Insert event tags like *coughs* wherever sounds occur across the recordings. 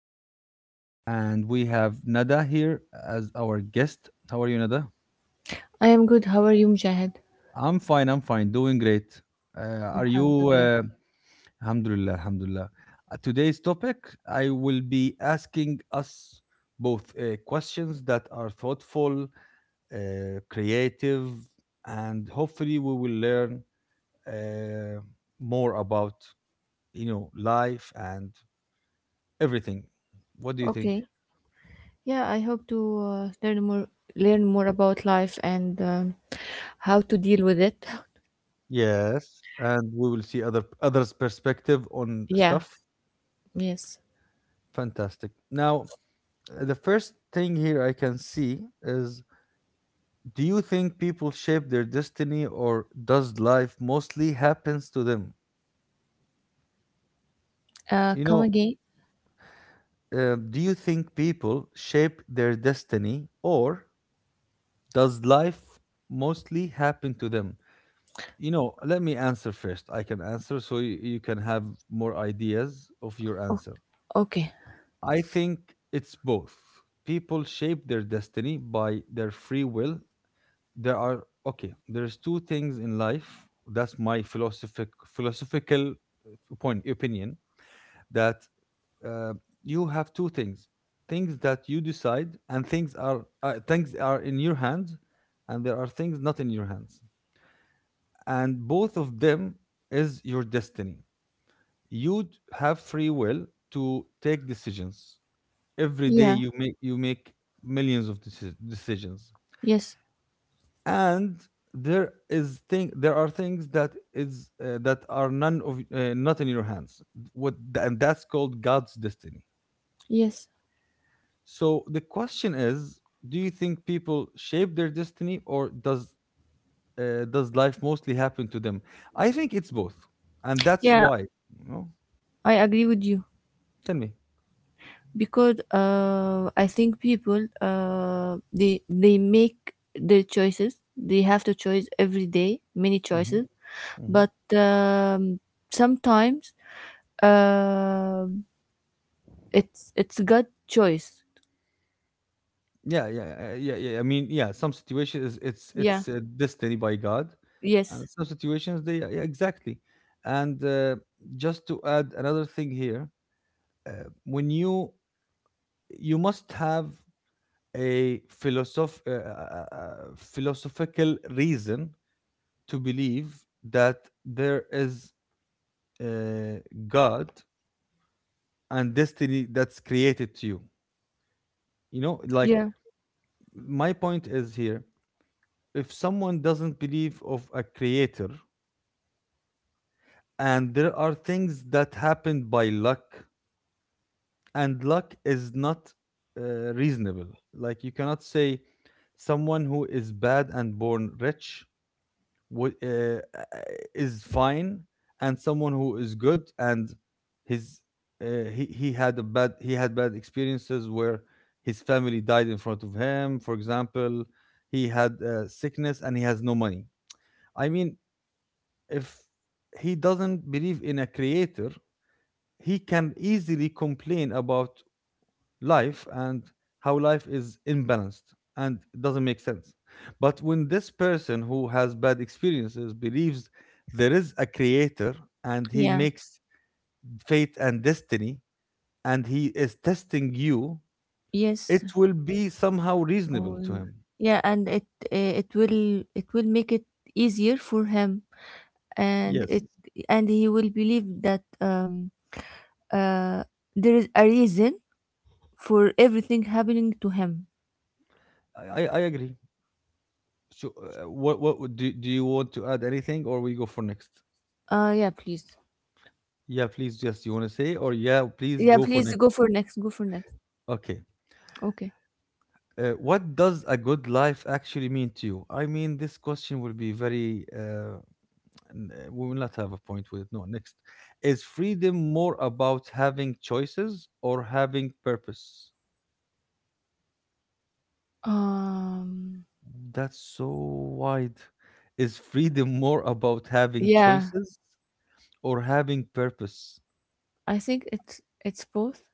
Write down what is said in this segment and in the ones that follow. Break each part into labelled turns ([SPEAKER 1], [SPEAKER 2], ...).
[SPEAKER 1] host. And we have Nada here as our guest. How are you, Nada?
[SPEAKER 2] I am good. How are you, Mujahid?
[SPEAKER 1] I'm fine. I'm fine. Doing great. Are you?
[SPEAKER 2] Alhamdulillah.
[SPEAKER 1] Alhamdulillah. Alhamdulillah. Today's topic, I will be asking us both questions that are thoughtful, uh, creative, and hopefully we will learn uh, more about life and everything. What do you think?
[SPEAKER 2] Okay. Yeah, I hope to learn more about life and how to deal with it.
[SPEAKER 1] Yes. And we will see others' perspective on
[SPEAKER 2] Yeah.
[SPEAKER 1] stuff.
[SPEAKER 2] Yes.
[SPEAKER 1] Fantastic. Now, the first thing here I can see is: do you think people shape their destiny, or does life mostly happens to them? You
[SPEAKER 2] Come
[SPEAKER 1] know,
[SPEAKER 2] again.
[SPEAKER 1] do you think people shape their destiny, or does life mostly happen to them? You know, let me answer first. I can answer so you can have more ideas of your
[SPEAKER 2] Oh,
[SPEAKER 1] answer.
[SPEAKER 2] okay.
[SPEAKER 1] I think it's both. People shape their destiny by their free will. There's two things in life. That's my philosophical point opinion that uh, you have two things. Things that you decide and things are in your hands, and there are things not in your hands. And both of them is your destiny. Have free will to take decisions. Every day
[SPEAKER 2] Yeah.
[SPEAKER 1] you make decisions,
[SPEAKER 2] Yes.
[SPEAKER 1] and there are things that are none of not in your hands what and that's called God's destiny.
[SPEAKER 2] Yes.
[SPEAKER 1] So the question is, do you think people shape their destiny, or does life mostly happen to them? I think it's both, and that's
[SPEAKER 2] Yeah,
[SPEAKER 1] why, you know,
[SPEAKER 2] I agree with you,
[SPEAKER 1] tell me.
[SPEAKER 2] because I think people they make their choices. They have to choice every day, many
[SPEAKER 1] Mhm,
[SPEAKER 2] choices.
[SPEAKER 1] mhm.
[SPEAKER 2] But sometimes uh, it's God choice.
[SPEAKER 1] Yeah, I mean, yeah, some situations
[SPEAKER 2] Yeah.
[SPEAKER 1] it's destiny by God,
[SPEAKER 2] Yes.
[SPEAKER 1] and some situations they, yeah, exactly. And just to add another thing here, uh, when you must have a philosophical reason to believe that there is a God and destiny that's created to you, you know, like,
[SPEAKER 2] Yeah.
[SPEAKER 1] my point is here: if someone doesn't believe of a creator, and there are things that happen by luck, and luck is not reasonable, like, you cannot say someone who is bad and born rich w- uh, is fine, and someone who is good and his he had bad experiences, where his family died in front of him for example, he had sickness and he has no money. I mean, if he doesn't believe in a creator, he can easily complain about life and how life is imbalanced and it doesn't make sense. But when this person who has bad experiences believes there is a creator, and he
[SPEAKER 2] Yeah.
[SPEAKER 1] makes fate and destiny, and he is testing you,
[SPEAKER 2] Yes.
[SPEAKER 1] it will be somehow reasonable to
[SPEAKER 2] Um,
[SPEAKER 1] him.
[SPEAKER 2] yeah, and it will make it easier for him, and
[SPEAKER 1] Yes,
[SPEAKER 2] it and he will believe that Uh, there is a reason for everything happening to him.
[SPEAKER 1] I agree. So, do you want to add anything, or we go for next?
[SPEAKER 2] Yeah, please.
[SPEAKER 1] Yeah, please. Yes, you want to say, or yeah, please
[SPEAKER 2] Yeah,
[SPEAKER 1] go for
[SPEAKER 2] please
[SPEAKER 1] next.
[SPEAKER 2] go for next. Go for next.
[SPEAKER 1] Okay.
[SPEAKER 2] Okay.
[SPEAKER 1] What does a good life actually mean to you? I mean, this question will be very. We will not have a point with it. No, next. Is freedom more about having choices or having purpose?
[SPEAKER 2] Um,
[SPEAKER 1] That's so wide. Is freedom more about having
[SPEAKER 2] yeah,
[SPEAKER 1] choices or having purpose?
[SPEAKER 2] I think it's both.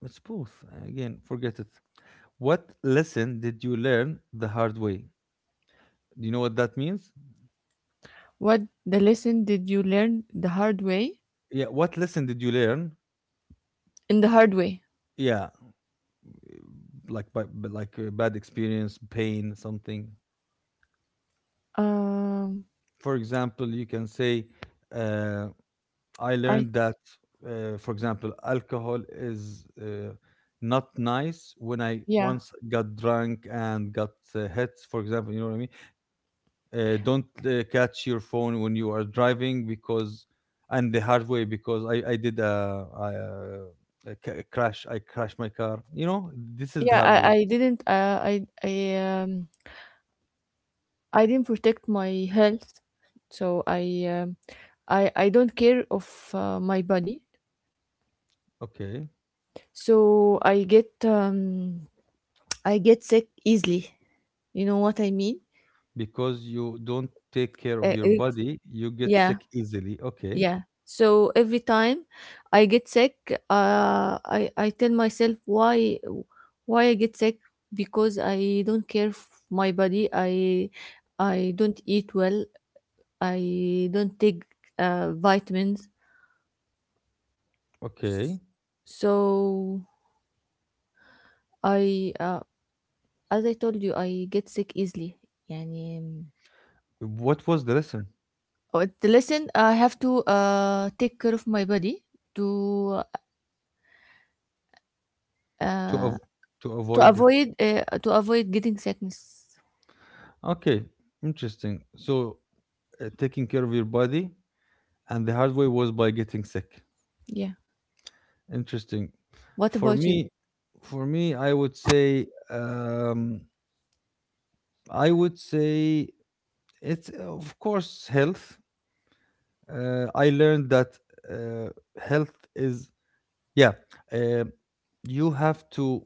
[SPEAKER 1] It's both. Again, forget it. What lesson did you learn the hard way? Do you know what that means?
[SPEAKER 2] What the lesson did you learn the hard way?
[SPEAKER 1] Yeah, what lesson did you learn?
[SPEAKER 2] In the hard way.
[SPEAKER 1] Yeah, like like a bad experience, pain, something.
[SPEAKER 2] Um,
[SPEAKER 1] For example, you can say, uh, "I
[SPEAKER 2] I
[SPEAKER 1] learned that." For example, alcohol is not nice. When I
[SPEAKER 2] Yeah,
[SPEAKER 1] once got drunk and got hit, for example, you know what I mean. Don't catch your phone when you are driving, because, and the hard way, because I did a crash. I crashed my car. You know, this is the
[SPEAKER 2] yeah,
[SPEAKER 1] hard
[SPEAKER 2] I,
[SPEAKER 1] ways.
[SPEAKER 2] I didn't I didn't protect my health, so I don't care of my body.
[SPEAKER 1] Okay.
[SPEAKER 2] So I get I get sick easily, you know what I mean.
[SPEAKER 1] Because you don't take care of
[SPEAKER 2] Uh,
[SPEAKER 1] your
[SPEAKER 2] it-
[SPEAKER 1] body, you get
[SPEAKER 2] yeah,
[SPEAKER 1] sick easily. Okay,
[SPEAKER 2] yeah, so every time I get sick, I tell myself why I get sick. Because I don't care f- my body, I don't eat well, I don't take vitamins.
[SPEAKER 1] okay.
[SPEAKER 2] So I as I told you, I get sick easily. يعني
[SPEAKER 1] What was the lesson
[SPEAKER 2] Oh, the lesson I have to take care of my body to
[SPEAKER 1] to av- to avoid?
[SPEAKER 2] to avoid getting sickness.
[SPEAKER 1] Okay, interesting. So taking care of your body, and the hard way was by getting sick.
[SPEAKER 2] Yeah.
[SPEAKER 1] Interesting.
[SPEAKER 2] What
[SPEAKER 1] For
[SPEAKER 2] about you?
[SPEAKER 1] me, for me, I would say it's of course, health. I learned that uh, health is, yeah. Uh, you have to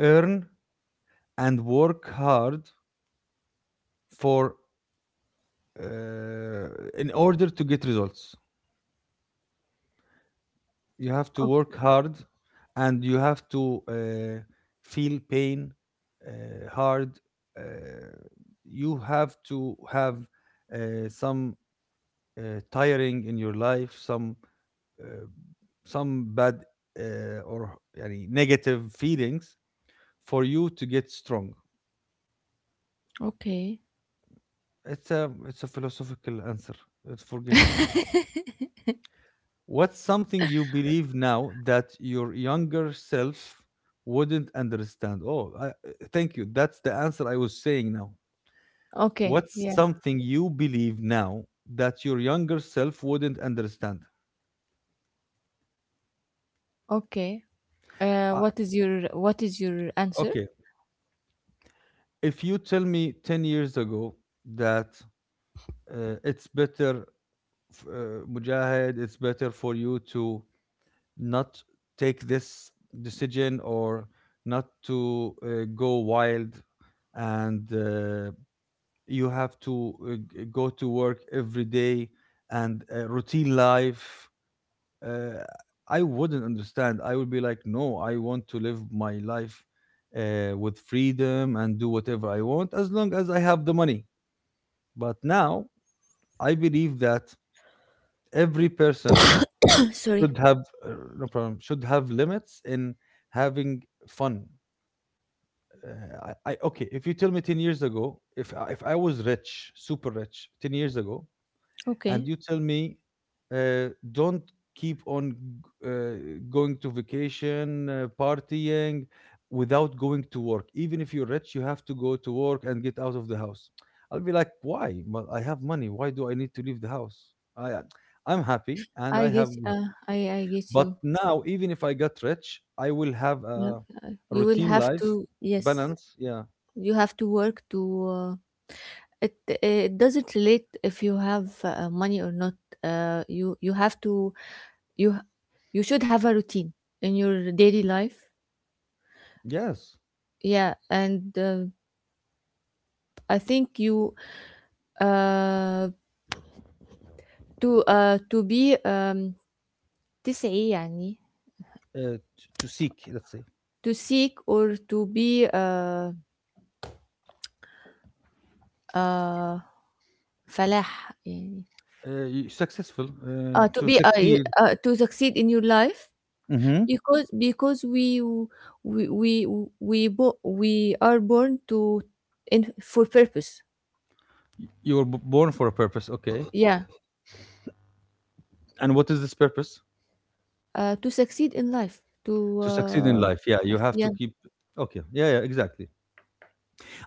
[SPEAKER 1] earn and work hard for uh, in order to get results, you have to
[SPEAKER 2] O-
[SPEAKER 1] work hard, and you have to feel pain hard. uh, you have to have some tiring in your life, uh, some bad or any negative feelings for you to get strong.
[SPEAKER 2] Okay.
[SPEAKER 1] It's a it's a philosophical answer. Forget it. What's something you believe now that your younger self wouldn't understand? Oh, thank you. That's the answer I was saying now.
[SPEAKER 2] Okay.
[SPEAKER 1] What's
[SPEAKER 2] Yeah.
[SPEAKER 1] something you believe now that your younger self wouldn't understand?
[SPEAKER 2] Okay.
[SPEAKER 1] Uh,
[SPEAKER 2] What is your answer?
[SPEAKER 1] okay. If you tell me 10 years ago that it's better, Mujahid, it's better for you to not take this decision, or not to go wild, and you have to go to work every day, and routine life, uh, I wouldn't understand. I would be like, no, I want to live my life with freedom and do whatever I want as long as I have the money. But now I believe that every person
[SPEAKER 2] *coughs* Sorry.
[SPEAKER 1] should have uh, no problem, should have limits in having fun. I, okay, if you tell me 10 years ago, if if I was rich, super rich 10 years ago, and
[SPEAKER 2] Okay.
[SPEAKER 1] you tell me don't going to vacation, partying without going to work, even if you're rich you have to go to work and get out of the house, I'll be like, why? Well, I have money, why do I need to leave the house? i uh, I'm happy and I
[SPEAKER 2] I get
[SPEAKER 1] have money.
[SPEAKER 2] I get
[SPEAKER 1] But
[SPEAKER 2] you.
[SPEAKER 1] now, even if I get rich, I will have
[SPEAKER 2] Yep.
[SPEAKER 1] a
[SPEAKER 2] You will
[SPEAKER 1] routine
[SPEAKER 2] have
[SPEAKER 1] life,
[SPEAKER 2] to, yes.
[SPEAKER 1] balance, yeah,
[SPEAKER 2] You have to work to. Uh, it it doesn't relate if you have money or not. You have to you you should have a routine in your daily life.
[SPEAKER 1] yes.
[SPEAKER 2] Yeah, and I think you uh, to be تسعي يعني
[SPEAKER 1] To seek, let's say,
[SPEAKER 2] to seek or to be uh, فلاح يعني
[SPEAKER 1] y- successful
[SPEAKER 2] to
[SPEAKER 1] to
[SPEAKER 2] be
[SPEAKER 1] succeed.
[SPEAKER 2] to succeed in your life,
[SPEAKER 1] Mhm.
[SPEAKER 2] because we we we are born to in for purpose.
[SPEAKER 1] You were born for a purpose, okay.
[SPEAKER 2] Yeah,
[SPEAKER 1] And what is this purpose?
[SPEAKER 2] to succeed in life to
[SPEAKER 1] To succeed in
[SPEAKER 2] uh.
[SPEAKER 1] life. Yeah, you have
[SPEAKER 2] Yeah.
[SPEAKER 1] to keep. Okay. Yeah, yeah, exactly.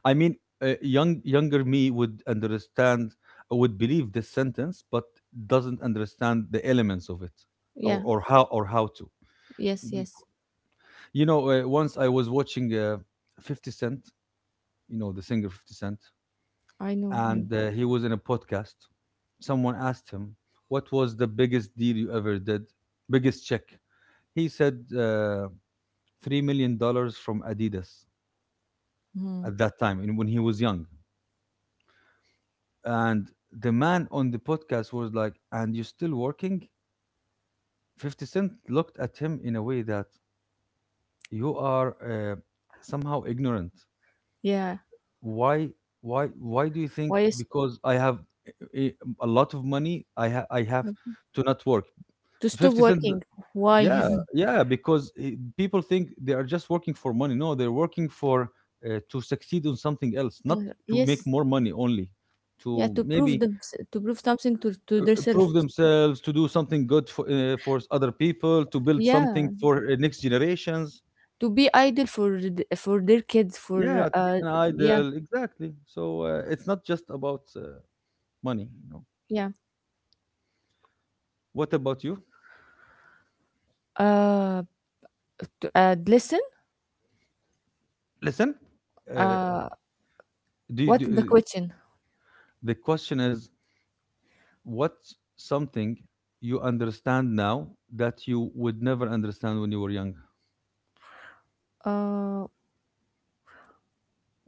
[SPEAKER 1] I mean, younger me would understand, would believe this sentence, but doesn't understand the elements of it,
[SPEAKER 2] Yeah.
[SPEAKER 1] or how to.
[SPEAKER 2] Yes,
[SPEAKER 1] Be-
[SPEAKER 2] yes,
[SPEAKER 1] you know, once I was watching Fifty Cent, you know, the singer Fifty Cent,
[SPEAKER 2] I know
[SPEAKER 1] and
[SPEAKER 2] him.
[SPEAKER 1] he was in a podcast. Someone asked him, "What was the biggest deal you ever did? Biggest check?" He said, $3 million from Adidas
[SPEAKER 2] Mhm.
[SPEAKER 1] at that time, and when he was young. And the man on the podcast was like, "And you're still working?" Fifty Cent looked at him in a way that you are somehow ignorant.
[SPEAKER 2] Yeah.
[SPEAKER 1] Why? Why? Why do you think?
[SPEAKER 2] Why is
[SPEAKER 1] Because I have a, a lot of money, I have to not work.
[SPEAKER 2] to stop
[SPEAKER 1] Fifty Cent.
[SPEAKER 2] working, why?
[SPEAKER 1] Yeah,
[SPEAKER 2] *laughs*
[SPEAKER 1] yeah, because people think they are just working for money. No, they're working for to succeed on something else, not to make
[SPEAKER 2] Yes,
[SPEAKER 1] more money only,
[SPEAKER 2] yeah,
[SPEAKER 1] to
[SPEAKER 2] to prove
[SPEAKER 1] maybe
[SPEAKER 2] them, to prove something to themselves.
[SPEAKER 1] prove themselves, to do something good for other people, to build
[SPEAKER 2] Yeah,
[SPEAKER 1] something for next generations.
[SPEAKER 2] to be idle for th- for their kids for
[SPEAKER 1] Yeah, to be
[SPEAKER 2] uh.
[SPEAKER 1] an
[SPEAKER 2] Yeah.
[SPEAKER 1] idol, exactly. So it's not just about money, you know.
[SPEAKER 2] Yeah,
[SPEAKER 1] What about you?
[SPEAKER 2] uh, to uh, listen.
[SPEAKER 1] Listen, uh, uh,
[SPEAKER 2] Uh,
[SPEAKER 1] do, you,
[SPEAKER 2] what
[SPEAKER 1] do
[SPEAKER 2] the question?
[SPEAKER 1] the question is, what's something you understand now that you would never understand when you were young?
[SPEAKER 2] Uh,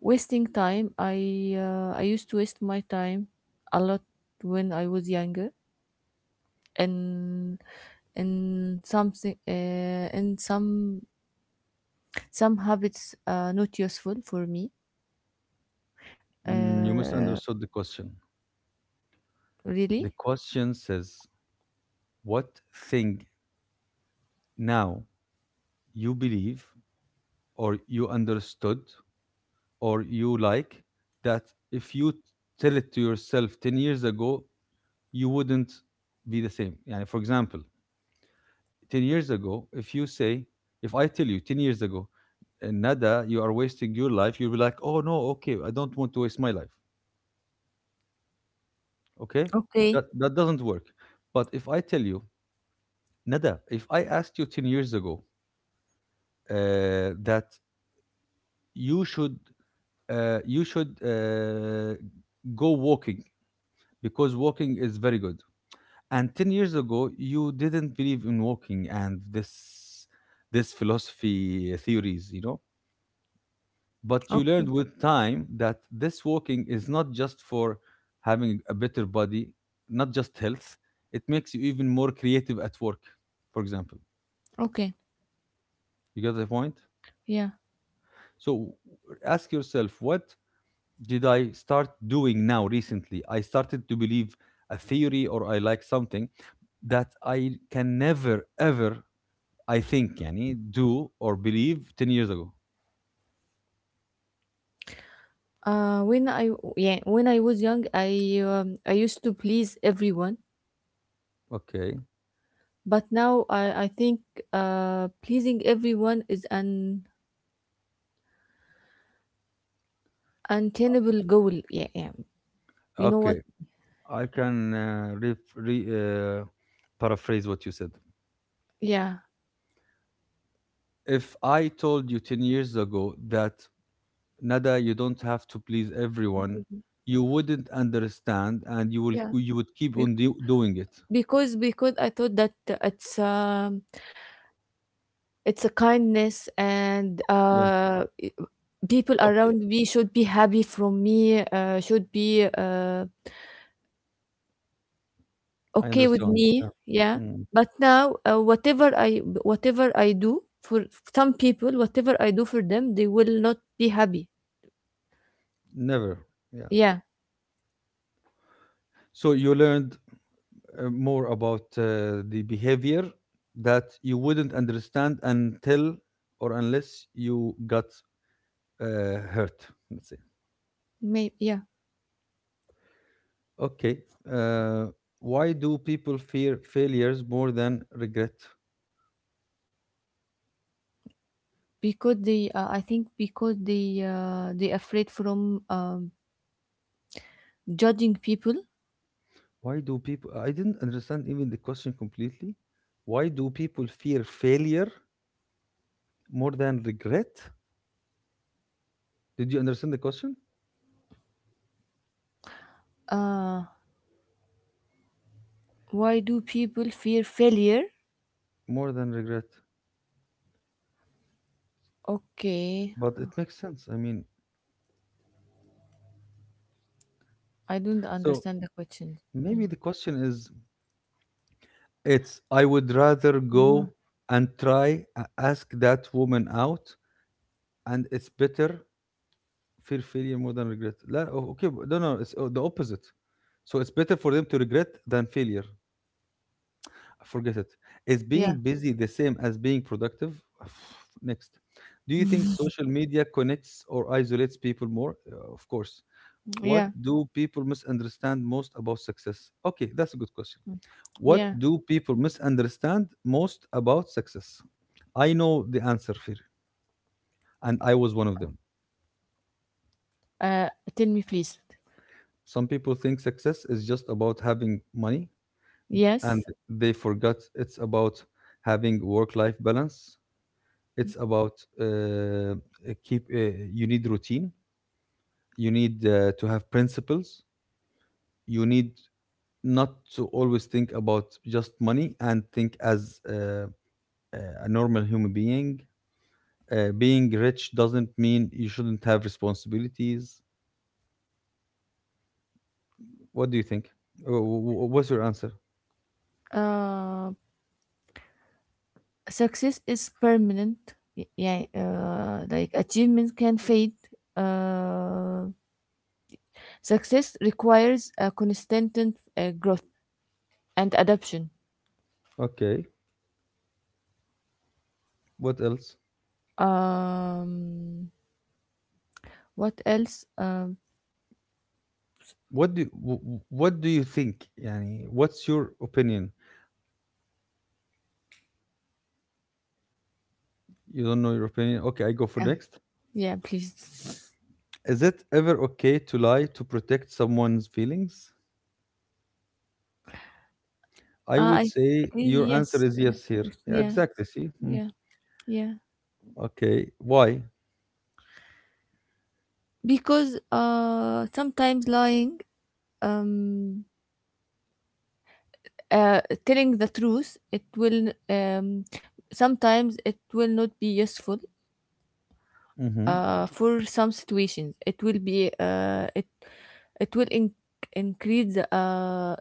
[SPEAKER 2] wasting time. I used to waste my time a lot when I was younger, and and something and some habits are not useful for me.
[SPEAKER 1] Mm, you
[SPEAKER 2] Uh,
[SPEAKER 1] misunderstood the question. The
[SPEAKER 2] really?
[SPEAKER 1] question says, what thing now you believe or you understood or you like, that if you tell it to yourself 10 years ago, you wouldn't be the same? Yani, for example, 10 years ago, if you say, if I tell you 10 years ago, Nada, you are wasting your life," you'll be like, oh no, okay, I don't want to waste my life. Okay?
[SPEAKER 2] Okay.
[SPEAKER 1] That doesn't work. But if I tell you, Nada, if I asked you 10 years ago uh, that you should, uh, you should uh, go walking because walking is very good. And 10 years ago, you didn't believe in walking, and this philosophy theories, you know? But you learned
[SPEAKER 2] Okay.
[SPEAKER 1] with time that this walking is not just for having a better body, not just health. It makes you even more creative at work, for example.
[SPEAKER 2] Okay.
[SPEAKER 1] You get the point?
[SPEAKER 2] Yeah.
[SPEAKER 1] So ask yourself, what did I start doing now recently? I started to believe a theory, or I like something that I can never, ever, I think, yani, do or believe 10 years ago.
[SPEAKER 2] When I, yeah, when I was young, I used to please everyone,
[SPEAKER 1] Okay.
[SPEAKER 2] but now I think pleasing everyone is an untenable goal. Yeah, yeah. You know what?
[SPEAKER 1] Okay. I can uh, paraphrase what you said.
[SPEAKER 2] Yeah,
[SPEAKER 1] If I told you 10 years ago that, Nada, you don't have to please everyone, you wouldn't understand, and
[SPEAKER 2] yeah.
[SPEAKER 1] you would keep
[SPEAKER 2] Bec-
[SPEAKER 1] on doing it.
[SPEAKER 2] Because I thought that it's um it's a kindness and
[SPEAKER 1] Yeah,
[SPEAKER 2] people
[SPEAKER 1] okay.
[SPEAKER 2] around me should be happy from me. Should be uh,
[SPEAKER 1] I
[SPEAKER 2] okay with
[SPEAKER 1] understand.
[SPEAKER 2] me.
[SPEAKER 1] Yeah.
[SPEAKER 2] Yeah.
[SPEAKER 1] Mm,
[SPEAKER 2] But now whatever I do for some people, whatever I do for them, they will not be happy.
[SPEAKER 1] never. Yeah.
[SPEAKER 2] Yeah.
[SPEAKER 1] So you learned more about the behavior that you wouldn't understand until or unless you got hurt. Let's say.
[SPEAKER 2] Maybe. Yeah.
[SPEAKER 1] Okay. Uh, why do people fear failures more than regret?
[SPEAKER 2] Because they, I think, because they afraid from judging people.
[SPEAKER 1] Why do people? I didn't understand even the question completely. Why do people fear failure more than regret? Did you understand the question?
[SPEAKER 2] Uh, why do people fear failure?
[SPEAKER 1] More than regret.
[SPEAKER 2] Okay,
[SPEAKER 1] But it makes sense. I mean,
[SPEAKER 2] I don't
[SPEAKER 1] so
[SPEAKER 2] understand the question.
[SPEAKER 1] maybe
[SPEAKER 2] Mm.
[SPEAKER 1] the question is it's I would rather go and try, ask that woman out, and it's better. Fear failure more than regret. لا أو- okay, but no, it's the opposite. So it's better for them to regret than failure. Forget it. Is
[SPEAKER 2] Yeah,
[SPEAKER 1] being busy the same as being productive? *sighs* Next. Do you think social media connects or isolates people more? Of course. What
[SPEAKER 2] yeah,
[SPEAKER 1] do people misunderstand most about success? Okay, that's a good question. What
[SPEAKER 2] yeah.
[SPEAKER 1] do people misunderstand most about success? I know the answer, Fir, and I was one of them.
[SPEAKER 2] Uh, tell me, please.
[SPEAKER 1] Some people think success is just about having money and
[SPEAKER 2] Yes.
[SPEAKER 1] they forgot it's about having work-life balance. It's about uh, uh, keep. You need routine. You need to have principles. You need not to always think about just money and think as a normal human being. Being rich doesn't mean you shouldn't have responsibilities. What do you think? What's your answer?
[SPEAKER 2] Uh, success is permanent. Y- Yeah. Like achievement can fade. Uh, success requires a constant growth and adaptation.
[SPEAKER 1] Okay. What else?
[SPEAKER 2] Um, what else?
[SPEAKER 1] What do you think? Yani, what's your opinion? You don't know your opinion. Okay, I go for
[SPEAKER 2] Uh,
[SPEAKER 1] next.
[SPEAKER 2] yeah, please.
[SPEAKER 1] Is it ever okay to lie to protect someone's feelings? I would
[SPEAKER 2] I
[SPEAKER 1] say your answer
[SPEAKER 2] Yes,
[SPEAKER 1] is yes here. Yeah,
[SPEAKER 2] yeah,
[SPEAKER 1] exactly. See? Hmm.
[SPEAKER 2] yeah, yeah.
[SPEAKER 1] Okay. Why?
[SPEAKER 2] Because sometimes lying, um, uh, telling the truth, it will sometimes it will not be useful.
[SPEAKER 1] Mm-hmm.
[SPEAKER 2] For some situations, it will be it will increase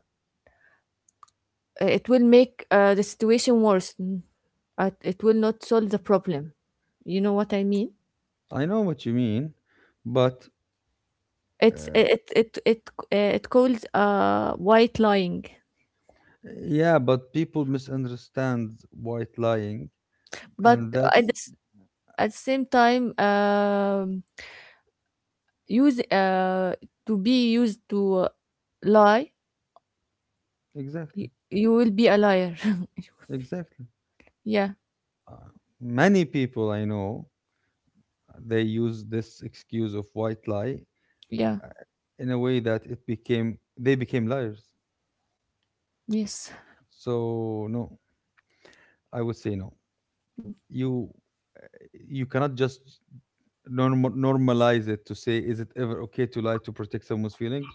[SPEAKER 2] it will make the situation worse. Mm. It will not solve the problem. You know what I mean?
[SPEAKER 1] I know what you mean, but
[SPEAKER 2] It's
[SPEAKER 1] uh,
[SPEAKER 2] it it it it called white lying,
[SPEAKER 1] yeah, but people misunderstand white lying,
[SPEAKER 2] but
[SPEAKER 1] and
[SPEAKER 2] at
[SPEAKER 1] that's
[SPEAKER 2] the, at the same time, use to be used to lie,
[SPEAKER 1] exactly,
[SPEAKER 2] you will be a liar.
[SPEAKER 1] exactly.
[SPEAKER 2] *laughs* Yeah,
[SPEAKER 1] Uh, many people I know they use this excuse of white lie
[SPEAKER 2] yeah,
[SPEAKER 1] uh, in a way that it became they became liars.
[SPEAKER 2] yes.
[SPEAKER 1] So no, I would say no. You you cannot just normalize it to say is it ever okay to lie to protect someone's feelings?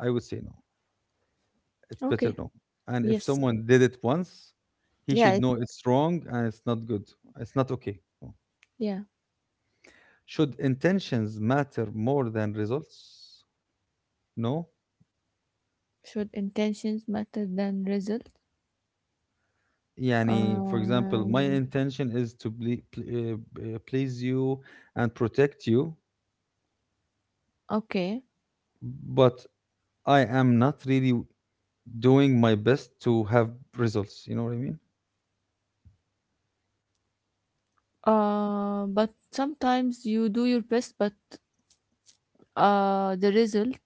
[SPEAKER 1] I would say no. It's better
[SPEAKER 2] Okay.
[SPEAKER 1] no. And if
[SPEAKER 2] Yes.
[SPEAKER 1] someone did it once, he
[SPEAKER 2] Yeah.
[SPEAKER 1] should
[SPEAKER 2] It,
[SPEAKER 1] know it's wrong and it's not good. It's not okay. No.
[SPEAKER 2] yeah.
[SPEAKER 1] Should intentions matter more than results? No.
[SPEAKER 2] Should intentions matter than result?
[SPEAKER 1] يعني for example, my
[SPEAKER 2] Um.
[SPEAKER 1] intention is to please you and protect you,
[SPEAKER 2] Okay.
[SPEAKER 1] but I am not really doing my best to have results. You know what I mean?
[SPEAKER 2] Uh, but sometimes you do your best, but the result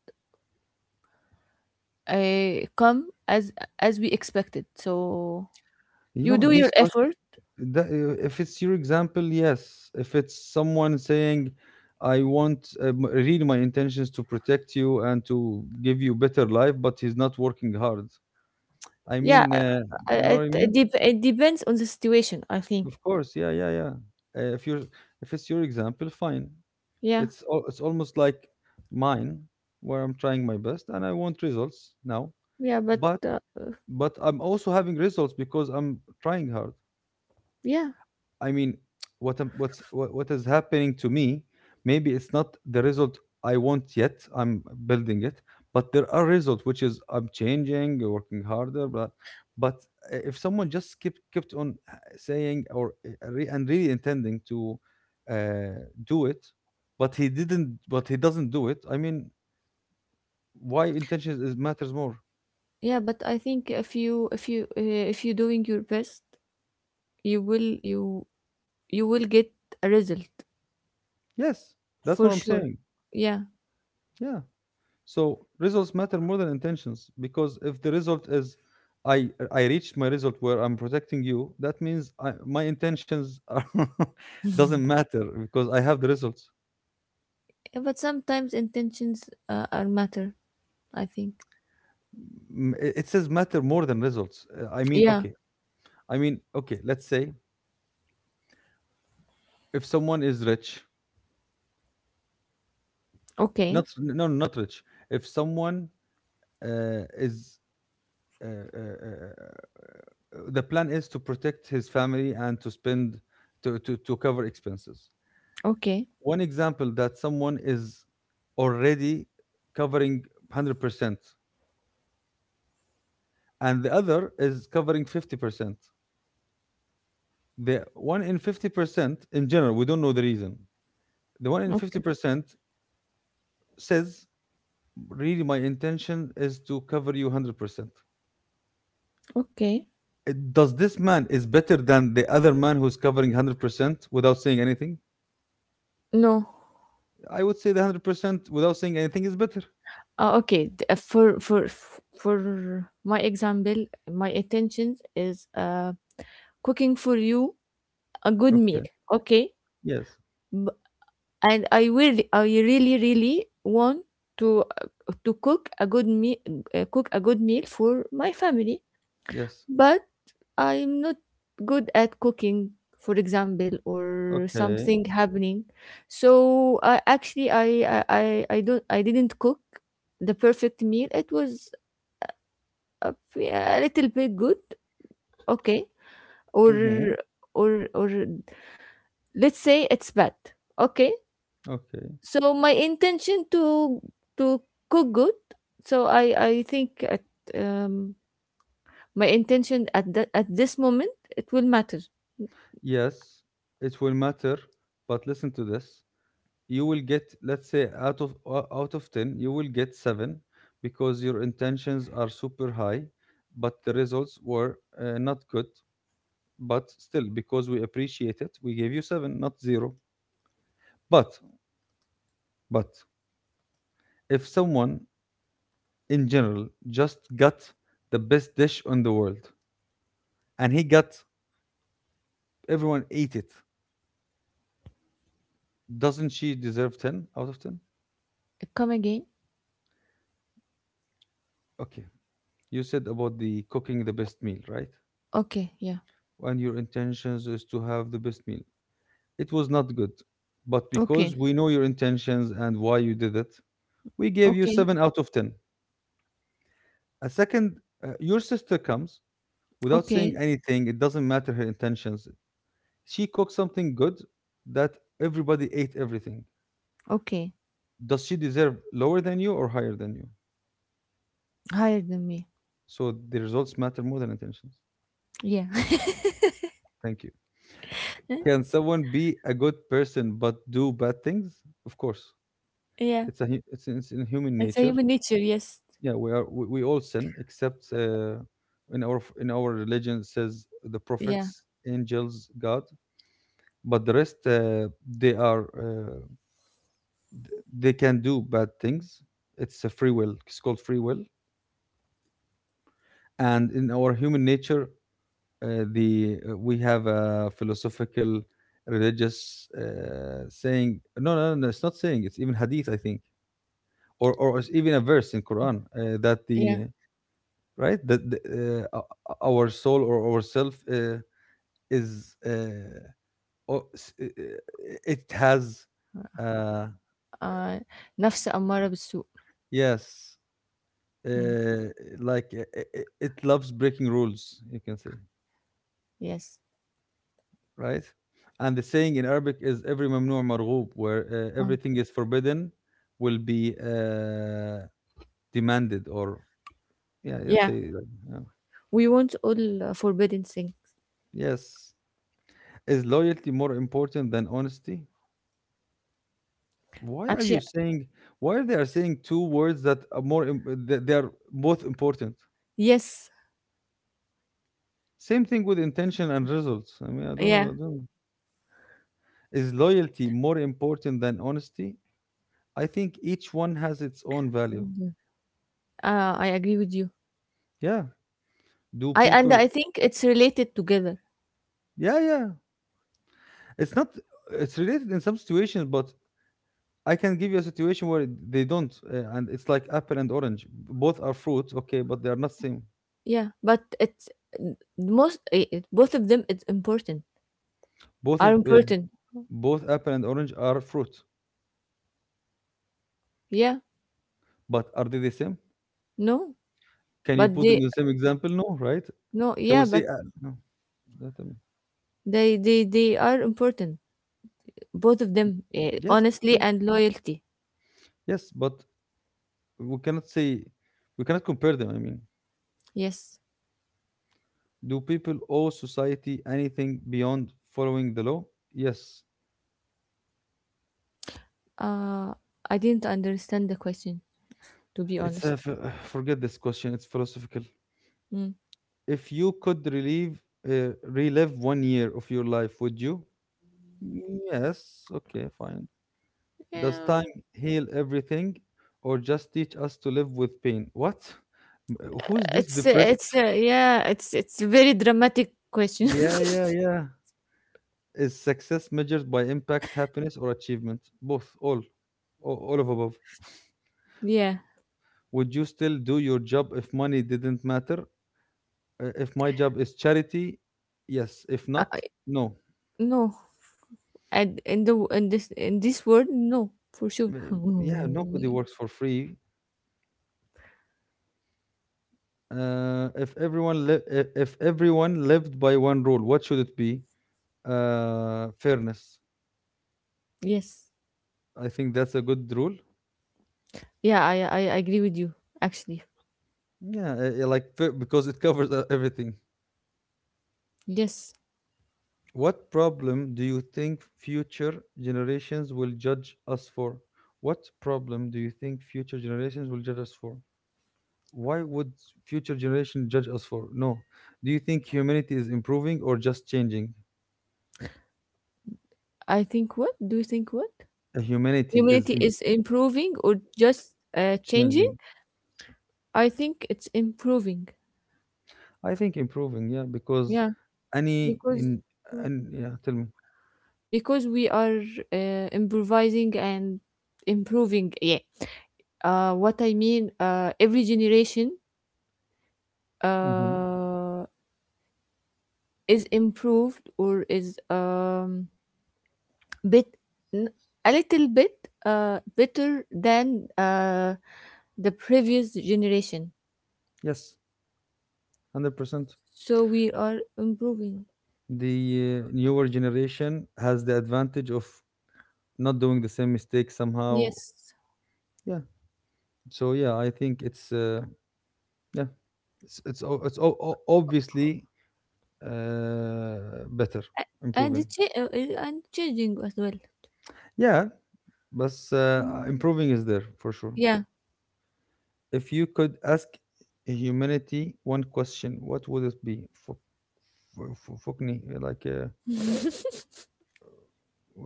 [SPEAKER 2] come as we expected, so
[SPEAKER 1] You
[SPEAKER 2] you
[SPEAKER 1] know
[SPEAKER 2] do your
[SPEAKER 1] these.
[SPEAKER 2] effort.
[SPEAKER 1] That, if it's your example, yes. If it's someone saying, I want really my intentions to protect you and to give you better life, but he's not working hard. I
[SPEAKER 2] Yeah,
[SPEAKER 1] mean, you know what I mean?
[SPEAKER 2] it depends on the situation, I
[SPEAKER 1] Of
[SPEAKER 2] think.
[SPEAKER 1] course, yeah, yeah, yeah. If you're, if it's your example, fine.
[SPEAKER 2] Yeah.
[SPEAKER 1] It's almost like mine, where I'm trying my best and I want results now,
[SPEAKER 2] Yeah, but
[SPEAKER 1] but but I'm also having results because I'm trying hard.
[SPEAKER 2] yeah,
[SPEAKER 1] I mean, what am- what's what is happening to me? Maybe it's not the result I want yet. I'm building it, but there are results which is I'm changing, working harder. But if someone just kept on saying or and really intending to uh, do it, but he didn't, but he doesn't do it. I mean, why intention is matters more?
[SPEAKER 2] yeah, but I think if you if you're doing your best, you you will get a result
[SPEAKER 1] Yes, that's
[SPEAKER 2] for
[SPEAKER 1] what I'm
[SPEAKER 2] sure.
[SPEAKER 1] saying.
[SPEAKER 2] Yeah,
[SPEAKER 1] Yeah. So results matter more than intentions because if the result is I reached my result where I'm protecting you, that means I, my intentions are *laughs* doesn't matter because I have the results.
[SPEAKER 2] but sometimes intentions are matter, I think.
[SPEAKER 1] It it says matter more than results. I mean,
[SPEAKER 2] Yeah.
[SPEAKER 1] okay. I mean, okay. Let's say if someone is rich,
[SPEAKER 2] Okay,
[SPEAKER 1] not no, no, not rich. If someone is uh, uh, uh, uh, the plan is to protect his family and to spend to cover expenses.
[SPEAKER 2] okay,
[SPEAKER 1] One example that someone is already covering 100% and the other is covering 50%. The one in 50%, in general we don't know the reason, the one in
[SPEAKER 2] okay,
[SPEAKER 1] 50% says really my intention is to cover you 100%.
[SPEAKER 2] okay.
[SPEAKER 1] Does this man is better than the other man who's covering 100% without saying anything?
[SPEAKER 2] No,
[SPEAKER 1] I would say the 100% without saying anything is better.
[SPEAKER 2] okay. For my example, my intention is cooking for you a good
[SPEAKER 1] Okay.
[SPEAKER 2] meal. Okay,
[SPEAKER 1] Yes,
[SPEAKER 2] and I will. I really, really want to uh, to cook a good meal, for my family.
[SPEAKER 1] yes.
[SPEAKER 2] But I'm not good at cooking, for example, or
[SPEAKER 1] Okay.
[SPEAKER 2] something happening. So I actually I didn't cook the perfect meal. It was a a little bit good, okay, or
[SPEAKER 1] Hmm.
[SPEAKER 2] or let's say it's bad, okay.
[SPEAKER 1] Okay.
[SPEAKER 2] So my intention to cook good. So I think at um my intention at that at this moment it will matter.
[SPEAKER 1] Yes, it will matter, but listen to this. You will get, let's say, out of out of 10, you will get 7 because your intentions are super high, but the results were not good, but still because we appreciate it, we gave you 7, not 0. But but if someone in general just got the best dish on the world and he got everyone ate it, doesn't she deserve 10 out of 10?
[SPEAKER 2] Come again.
[SPEAKER 1] Okay. You said about the cooking the best meal, right?
[SPEAKER 2] Okay, yeah.
[SPEAKER 1] And your intentions is to have the best meal. It was not good, but because
[SPEAKER 2] Okay,
[SPEAKER 1] we know your intentions and why you did it, we gave you
[SPEAKER 2] okay,
[SPEAKER 1] 7 out of 10. A second, your sister comes without saying
[SPEAKER 2] okay,
[SPEAKER 1] anything, it doesn't matter her intentions. She cooked something good that everybody ate everything.
[SPEAKER 2] okay.
[SPEAKER 1] Does she deserve lower than you or higher than you?
[SPEAKER 2] Higher than me.
[SPEAKER 1] So the results matter more than intentions.
[SPEAKER 2] Yeah. *laughs*
[SPEAKER 1] Thank you. Can someone be a good person but do bad things? Of course.
[SPEAKER 2] Yeah.
[SPEAKER 1] It's a hu- it's in human
[SPEAKER 2] It's a
[SPEAKER 1] nature.
[SPEAKER 2] human nature, yes.
[SPEAKER 1] Yeah, we all sin except in our religion says the
[SPEAKER 2] Yeah,
[SPEAKER 1] prophets, angels, God, but the rest they are they can do bad things. It's a free will, it's called free will. And in our human nature, the we have a philosophical religious saying, no, no, no, it's not saying, it's even hadith I think, or it's even a verse in Quran, that
[SPEAKER 2] yeah.
[SPEAKER 1] the right that the, uh, our soul or our self is o- s- uh, it has uh,
[SPEAKER 2] Uh, نفس أمارة بالسوء.
[SPEAKER 1] yes
[SPEAKER 2] Mm,
[SPEAKER 1] uh, like it loves breaking rules, you can say,
[SPEAKER 2] yes.
[SPEAKER 1] right. And the saying in Arabic is every mamnu' marghub, where
[SPEAKER 2] Um,
[SPEAKER 1] everything is forbidden will be demanded or yeah, let's
[SPEAKER 2] yeah.
[SPEAKER 1] say, like, yeah.
[SPEAKER 2] We want all forbidden things.
[SPEAKER 1] Yes, is loyalty more important than honesty? Why are
[SPEAKER 2] Actually,
[SPEAKER 1] you saying? Why they are saying two words that are more? That they are both important.
[SPEAKER 2] yes.
[SPEAKER 1] Same thing with intention and results. I mean, I don't know.
[SPEAKER 2] Yeah.
[SPEAKER 1] I don't know. Is loyalty more important than honesty? I think each one has its own value.
[SPEAKER 2] I agree with you.
[SPEAKER 1] Yeah. Do
[SPEAKER 2] I and
[SPEAKER 1] people?
[SPEAKER 2] I think it's related together.
[SPEAKER 1] Yeah, yeah. It's not. It's related in some situations, but I can give you a situation where they don't, and it's like apple and orange. Both are fruit, okay, but they are not same.
[SPEAKER 2] Yeah, but it's most, eh, it, both of them, it's important.
[SPEAKER 1] Both
[SPEAKER 2] Are
[SPEAKER 1] of uh,
[SPEAKER 2] important.
[SPEAKER 1] both apple and orange are fruit,
[SPEAKER 2] Yeah.
[SPEAKER 1] but are they the same?
[SPEAKER 2] No,
[SPEAKER 1] Can you
[SPEAKER 2] but
[SPEAKER 1] put them in
[SPEAKER 2] they
[SPEAKER 1] the same example? No, right?
[SPEAKER 2] no.
[SPEAKER 1] Can we
[SPEAKER 2] Yeah,
[SPEAKER 1] say,
[SPEAKER 2] but
[SPEAKER 1] no, that,
[SPEAKER 2] they are important, both of them, eh,
[SPEAKER 1] yes,
[SPEAKER 2] honestly
[SPEAKER 1] yes,
[SPEAKER 2] and loyalty.
[SPEAKER 1] yeah, yes, but we cannot say, we cannot compare them. I mean,
[SPEAKER 2] Yes.
[SPEAKER 1] do people owe society anything beyond following the law? Yes.
[SPEAKER 2] Uh, I didn't understand the question, to be
[SPEAKER 1] It's a,
[SPEAKER 2] honest.
[SPEAKER 1] forget this question, it's philosophical.
[SPEAKER 2] Mm.
[SPEAKER 1] If you could relive, relive one year of your life, would you? Yes, okay, fine. Does
[SPEAKER 2] Yeah,
[SPEAKER 1] time heal everything or just teach us to live with pain? What? *laughs* Who's this
[SPEAKER 2] it's
[SPEAKER 1] depressed?
[SPEAKER 2] yeah, it's a very dramatic question.
[SPEAKER 1] Yeah, yeah, yeah. Is success measured by impact, happiness, or achievement? Both, all, all of above.
[SPEAKER 2] *laughs* Yeah,
[SPEAKER 1] Would you still do your job if money didn't matter? If my job is charity, yes. If
[SPEAKER 2] I,
[SPEAKER 1] not,
[SPEAKER 2] I-
[SPEAKER 1] no.
[SPEAKER 2] no, and in the in this world, no, for sure.
[SPEAKER 1] Uh,
[SPEAKER 2] *laughs*
[SPEAKER 1] yeah, nobody
[SPEAKER 2] Mm.
[SPEAKER 1] works for free. If everyone if everyone lived by one rule, what should it be? Fairness.
[SPEAKER 2] Yes.
[SPEAKER 1] I think that's a good rule.
[SPEAKER 2] Yeah, I I agree with you actually.
[SPEAKER 1] Yeah, yeah, like because it covers everything.
[SPEAKER 2] Yes,
[SPEAKER 1] What problem do you think future generations will judge us for? What problem do you think future generations will judge us for? Why would future generation judge us for? No. Do you think humanity is improving or just changing?
[SPEAKER 2] I think, what do you think, what?
[SPEAKER 1] Uh, Humanity is
[SPEAKER 2] Humanity
[SPEAKER 1] imp-
[SPEAKER 2] is improving or just changing?
[SPEAKER 1] changing.
[SPEAKER 2] I think it's improving.
[SPEAKER 1] I think improving, yeah, because
[SPEAKER 2] Yeah,
[SPEAKER 1] any
[SPEAKER 2] because
[SPEAKER 1] in and yeah, tell me.
[SPEAKER 2] because we are improvising and improving. Yeah. What I mean, every generation
[SPEAKER 1] Hmm.
[SPEAKER 2] uh, is improved or is bit n- a little bit better than the previous generation.
[SPEAKER 1] Yes, 100%.
[SPEAKER 2] So we are improving.
[SPEAKER 1] The newer generation has the advantage of not doing the same mistakes somehow.
[SPEAKER 2] Yes,
[SPEAKER 1] Yeah, so yeah, I think it's yeah, obviously better,
[SPEAKER 2] and
[SPEAKER 1] improving.
[SPEAKER 2] and changing as well.
[SPEAKER 1] Yeah, but improving is there for sure.
[SPEAKER 2] Yeah.
[SPEAKER 1] If you could ask humanity one question, what would it be? For. Fuck me, like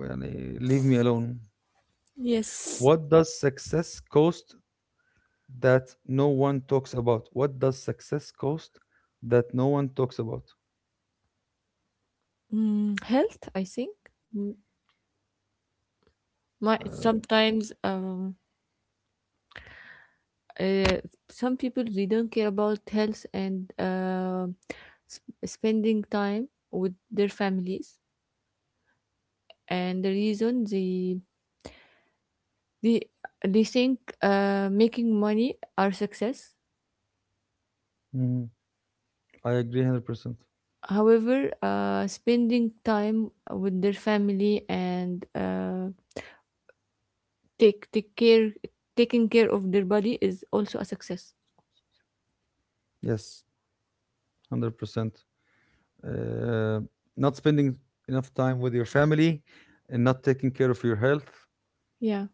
[SPEAKER 1] يعني leave me alone.
[SPEAKER 2] Yes.
[SPEAKER 1] What does success cost that no one talks about? What does success cost that no one talks about?
[SPEAKER 2] Mm, health, I think. Mm. My
[SPEAKER 1] Uh,
[SPEAKER 2] sometimes Uh, some people they don't care about health and spending time with their families, and the reason they they they think making money are success.
[SPEAKER 1] mhm. I agree 100%.
[SPEAKER 2] However, spending time with their family and take take care taking care of their body is also a success.
[SPEAKER 1] Yes, 100%. Uh, not spending enough time with your family and not taking care of your health,
[SPEAKER 2] Yeah.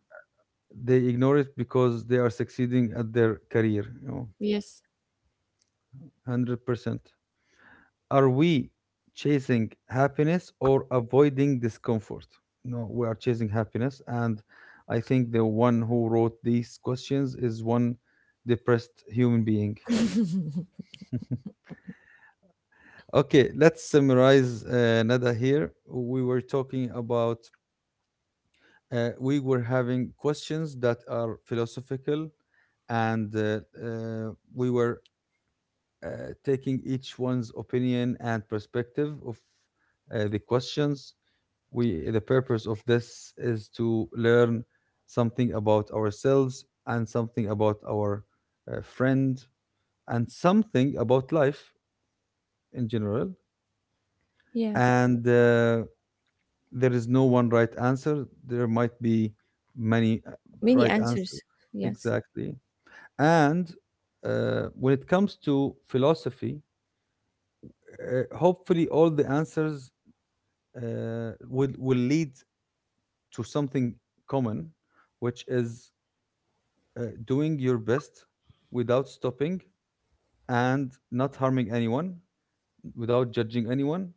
[SPEAKER 1] they ignore it because they are succeeding at their career, you know,
[SPEAKER 2] Yes.
[SPEAKER 1] 100%. Are we chasing happiness or avoiding discomfort? No, we are chasing happiness. And I think the one who wrote these questions is one depressed human being. Okay, let's summarize Nada here. We were talking about we were having questions that are philosophical and we were uh, taking each one's opinion and perspective of the questions, we the purpose of this is to learn something about ourselves and something about our friend and something about life in general,
[SPEAKER 2] Yeah.
[SPEAKER 1] and there is no one right answer. There might be many
[SPEAKER 2] Many
[SPEAKER 1] right answers.
[SPEAKER 2] answers. Yes.
[SPEAKER 1] Exactly. And when it comes to philosophy, hopefully all the answers will lead to something common, which is doing your best without stopping and not harming anyone, without judging anyone,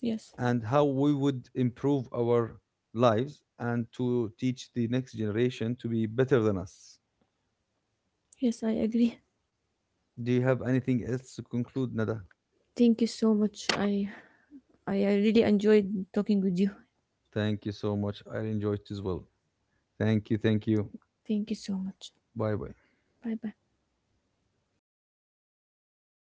[SPEAKER 2] Yes,
[SPEAKER 1] and how we would improve our lives and to teach the next generation to be better than us.
[SPEAKER 2] yes, I agree.
[SPEAKER 1] Do you have anything else to conclude, Nada?
[SPEAKER 2] Thank you so much. I really enjoyed talking with you.
[SPEAKER 1] Thank you so much. I enjoyed it as well. Thank you. Thank you.
[SPEAKER 2] Thank you so much.
[SPEAKER 1] Bye bye.
[SPEAKER 2] Bye bye.